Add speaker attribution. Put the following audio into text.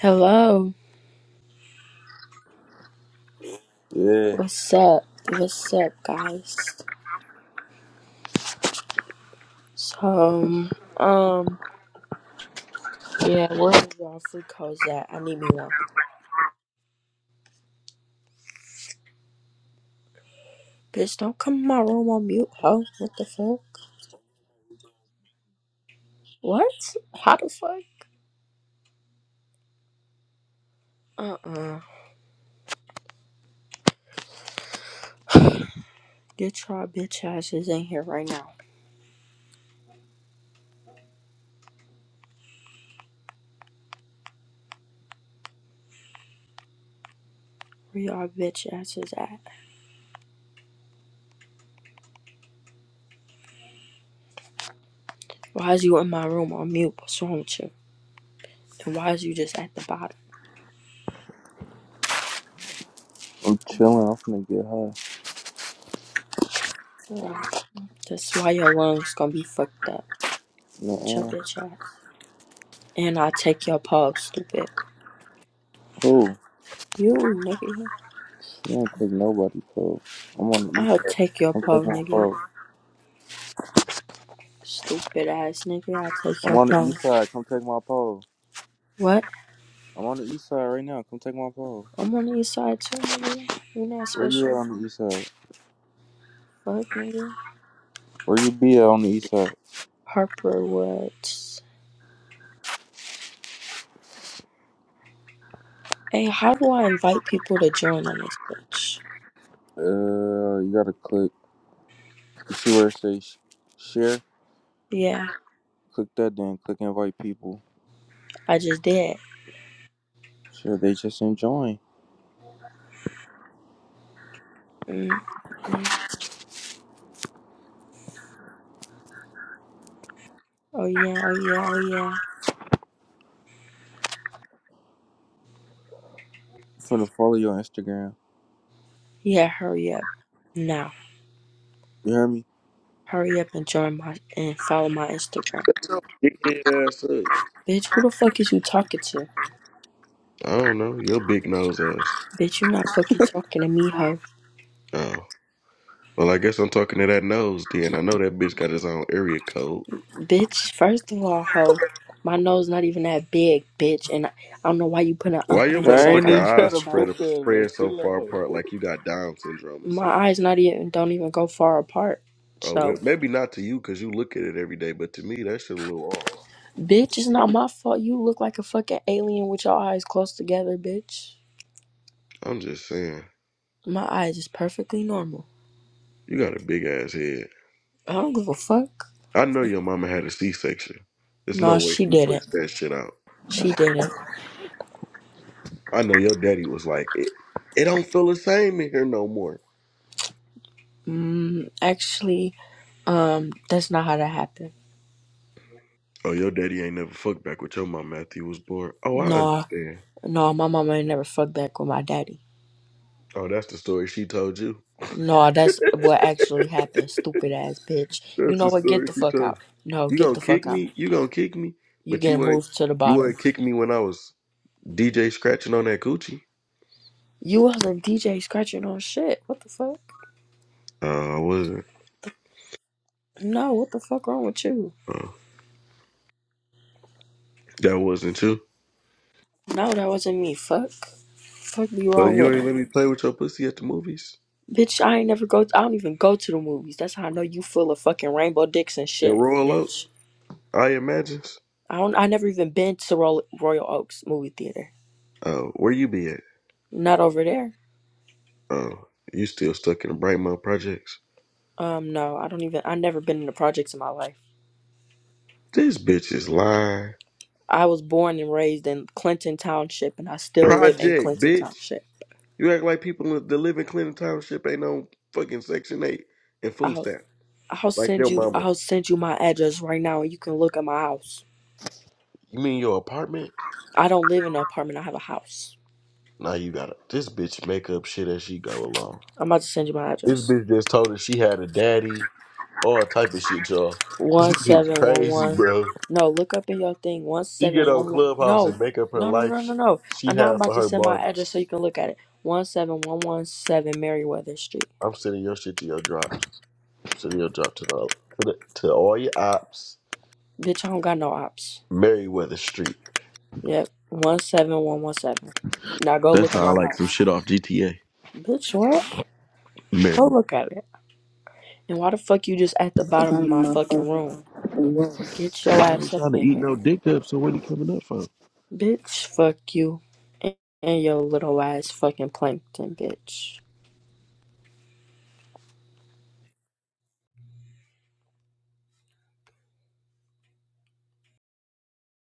Speaker 1: Hello.
Speaker 2: Yeah,
Speaker 1: What's up? What's up, guys? So, um, yeah, where is y'all free codes at? I need me one. Bitch, don't come in my room on mute, ho. What the fuck? What? How the fuck? Uh-uh. Get y'all bitch asses in here right now. Where y'all bitch asses at? Why is you in my room on mute? What's wrong with you? And why is you just at the bottom?
Speaker 2: I'm chilling. I'm finna get high.
Speaker 1: Yeah. That's why your lungs gonna be fucked up. With your
Speaker 2: Nuh-uh.
Speaker 1: bitch ass. And I'll take your pulse, stupid.
Speaker 2: Who?
Speaker 1: You, nigga.
Speaker 2: She don't take nobody pole. I'm on the east
Speaker 1: I'll
Speaker 2: side.
Speaker 1: take your
Speaker 2: Come take
Speaker 1: pole,
Speaker 2: my
Speaker 1: nigga.
Speaker 2: pole.
Speaker 1: Stupid ass nigga, I'll take
Speaker 2: I'm
Speaker 1: your
Speaker 2: on the
Speaker 1: pole.
Speaker 2: east side. Come take my pole.
Speaker 1: What?
Speaker 2: I'm on the east side right now. Come take my pole.
Speaker 1: I'm on the east side too, nigga. You're not
Speaker 2: Where you at
Speaker 1: special.
Speaker 2: on the east side?
Speaker 1: Fuck, nigga.
Speaker 2: Where you be at on the east side?
Speaker 1: Harper Woods. Hey, how do I invite people to join on this bitch?
Speaker 2: Uh, you gotta click. You see where it says share?
Speaker 1: Yeah,
Speaker 2: Click that. Then click invite people.
Speaker 1: I just did.
Speaker 2: Sure, they just enjoying.
Speaker 1: mm mm. Oh yeah, oh yeah, oh yeah.
Speaker 2: I'm finna follow your Instagram.
Speaker 1: Yeah, hurry up. Now.
Speaker 2: You hear me?
Speaker 1: Hurry up and join my and follow my Instagram.
Speaker 3: Dickhead ass up.
Speaker 1: Bitch, who the fuck is you talking to?
Speaker 3: I don't know. Your big nose ass.
Speaker 1: Bitch, you not fucking talking to me, hoe.
Speaker 3: Oh. Well, I guess I'm talking to that nose then. I know that bitch got his own area code.
Speaker 1: Bitch, first of all, ho, my nose not even that big, bitch, and I, I don't know why you put a
Speaker 3: Why your
Speaker 2: Bro,
Speaker 1: hundreds
Speaker 2: I
Speaker 1: like
Speaker 2: ain't
Speaker 1: I'm
Speaker 3: motherfucking
Speaker 1: a
Speaker 2: even trying
Speaker 3: eyes
Speaker 2: to
Speaker 1: beach
Speaker 2: put
Speaker 1: child.
Speaker 3: spread
Speaker 2: that, man.
Speaker 3: spread so
Speaker 2: Chill
Speaker 3: far
Speaker 2: out.
Speaker 3: apart like you got Down syndrome or something?
Speaker 1: My eyes not even don't even go far apart.
Speaker 3: Oh, well,
Speaker 1: So,
Speaker 3: maybe not to you because you look at it every day, but to me, that shit a little off.
Speaker 1: bitch, it's not my fault. You look like a fucking alien with your eyes close together, bitch.
Speaker 3: I'm just saying.
Speaker 1: My eyes is perfectly normal.
Speaker 3: You got a big ass head.
Speaker 1: I don't give a fuck.
Speaker 3: I know your mama had a C section. There's no
Speaker 1: No,
Speaker 3: way
Speaker 1: she
Speaker 3: she
Speaker 1: didn't.
Speaker 3: pushed that shit out.
Speaker 1: She didn't.
Speaker 3: I know your daddy was like, it, it don't feel the same in here no more.
Speaker 1: Mm, actually, um, that's not how that happened.
Speaker 3: Oh, your daddy ain't never fucked back with your mom after he was born. Oh, I
Speaker 1: No,
Speaker 3: understand.
Speaker 1: no, my mama ain't never fucked back with my daddy.
Speaker 3: Oh, that's the story she told you.
Speaker 1: No, that's what actually happened, stupid ass bitch. You
Speaker 3: That's
Speaker 1: know
Speaker 3: the
Speaker 1: what? Get
Speaker 3: story
Speaker 1: the
Speaker 3: she
Speaker 1: fuck out.
Speaker 3: told
Speaker 1: No,
Speaker 3: you. You
Speaker 1: get
Speaker 3: gonna
Speaker 1: the
Speaker 3: kick
Speaker 1: fuck out.
Speaker 3: me? You gonna kick me?
Speaker 1: You
Speaker 3: But
Speaker 1: getting
Speaker 3: you ain't.
Speaker 1: moved to the
Speaker 3: You
Speaker 1: bottom.
Speaker 3: ain't kick me when I was DJ scratching on that coochie.
Speaker 1: You wasn't DJ scratching on shit. What the fuck?
Speaker 3: Oh, I wasn't.
Speaker 1: No, what the fuck wrong with you?
Speaker 3: Oh, that wasn't you.
Speaker 1: No, that wasn't me. Fuck. Fuck be
Speaker 3: So
Speaker 1: wrong
Speaker 3: you
Speaker 1: with
Speaker 3: ain't
Speaker 1: her.
Speaker 3: let me play with your pussy at the movies
Speaker 1: Bitch, I ain't never go I don't even go to the movies. That's how I know you full of fucking rainbow dicks and
Speaker 3: and
Speaker 1: shit,
Speaker 3: roll out.
Speaker 1: bitch.
Speaker 3: I imagine.
Speaker 1: I don't I never even been to Royal, Royal Oaks movie theater.
Speaker 3: Oh, where you be at?
Speaker 1: Not over there.
Speaker 3: Oh, you still stuck in the Brightmouth projects?
Speaker 1: Um, no, I don't even I never been in the projects in my life.
Speaker 3: This bitch is lying.
Speaker 1: I was born and raised in Clinton Township, and I still live in
Speaker 3: Project,
Speaker 1: Clinton
Speaker 3: bitch.
Speaker 1: Township.
Speaker 3: You act like people in- that live in Clinton Township ain't on fucking Section 8 and food
Speaker 1: I'll
Speaker 3: stamps.
Speaker 1: I'll
Speaker 3: Like
Speaker 1: send
Speaker 3: your
Speaker 1: you
Speaker 3: mama.
Speaker 1: I'll send you my address right now, and you can look at my house.
Speaker 3: You mean your apartment?
Speaker 1: I don't live in an apartment. I have a house.
Speaker 3: Nah, you got it. This bitch make up shit as she go along.
Speaker 1: I'm about to send you my
Speaker 3: This
Speaker 1: address.
Speaker 3: bitch just told her she had a daddy, all type of shit, y'all. This
Speaker 1: One
Speaker 3: bitch
Speaker 1: seven one
Speaker 3: crazy,
Speaker 1: one.
Speaker 3: bro.
Speaker 1: No, look up in your thing. One
Speaker 3: She
Speaker 1: seven
Speaker 3: get on
Speaker 1: one one.
Speaker 3: Clubhouse
Speaker 1: No,
Speaker 3: and make up her
Speaker 1: no, no,
Speaker 3: life
Speaker 1: no, no, no.
Speaker 3: she
Speaker 1: And now I'm
Speaker 3: had
Speaker 1: about
Speaker 3: for
Speaker 1: to
Speaker 3: her
Speaker 1: send my address so
Speaker 3: Barbies.
Speaker 1: you can look at it. One seven one one seven Meriwether Street.
Speaker 3: I'm sending your shit to your drops. I'm sending your drop to the to, the, to all your ops.
Speaker 1: Bitch, I don't got no ops.
Speaker 3: Merriweather Street.
Speaker 1: Yep. One seven one one seven. Now go
Speaker 3: That
Speaker 1: look at my
Speaker 3: sound like some
Speaker 1: house.
Speaker 3: shit off GTA.
Speaker 1: Bitch, what? Go look at it. And why the fuck you just at the bottom of my fucking room? Get your
Speaker 3: I ain't
Speaker 1: ass up
Speaker 3: trying to
Speaker 1: in
Speaker 3: eat no
Speaker 1: here.
Speaker 3: dick up, so what are you coming up for?
Speaker 1: Bitch, fuck you. And and your little ass fucking plankton, bitch.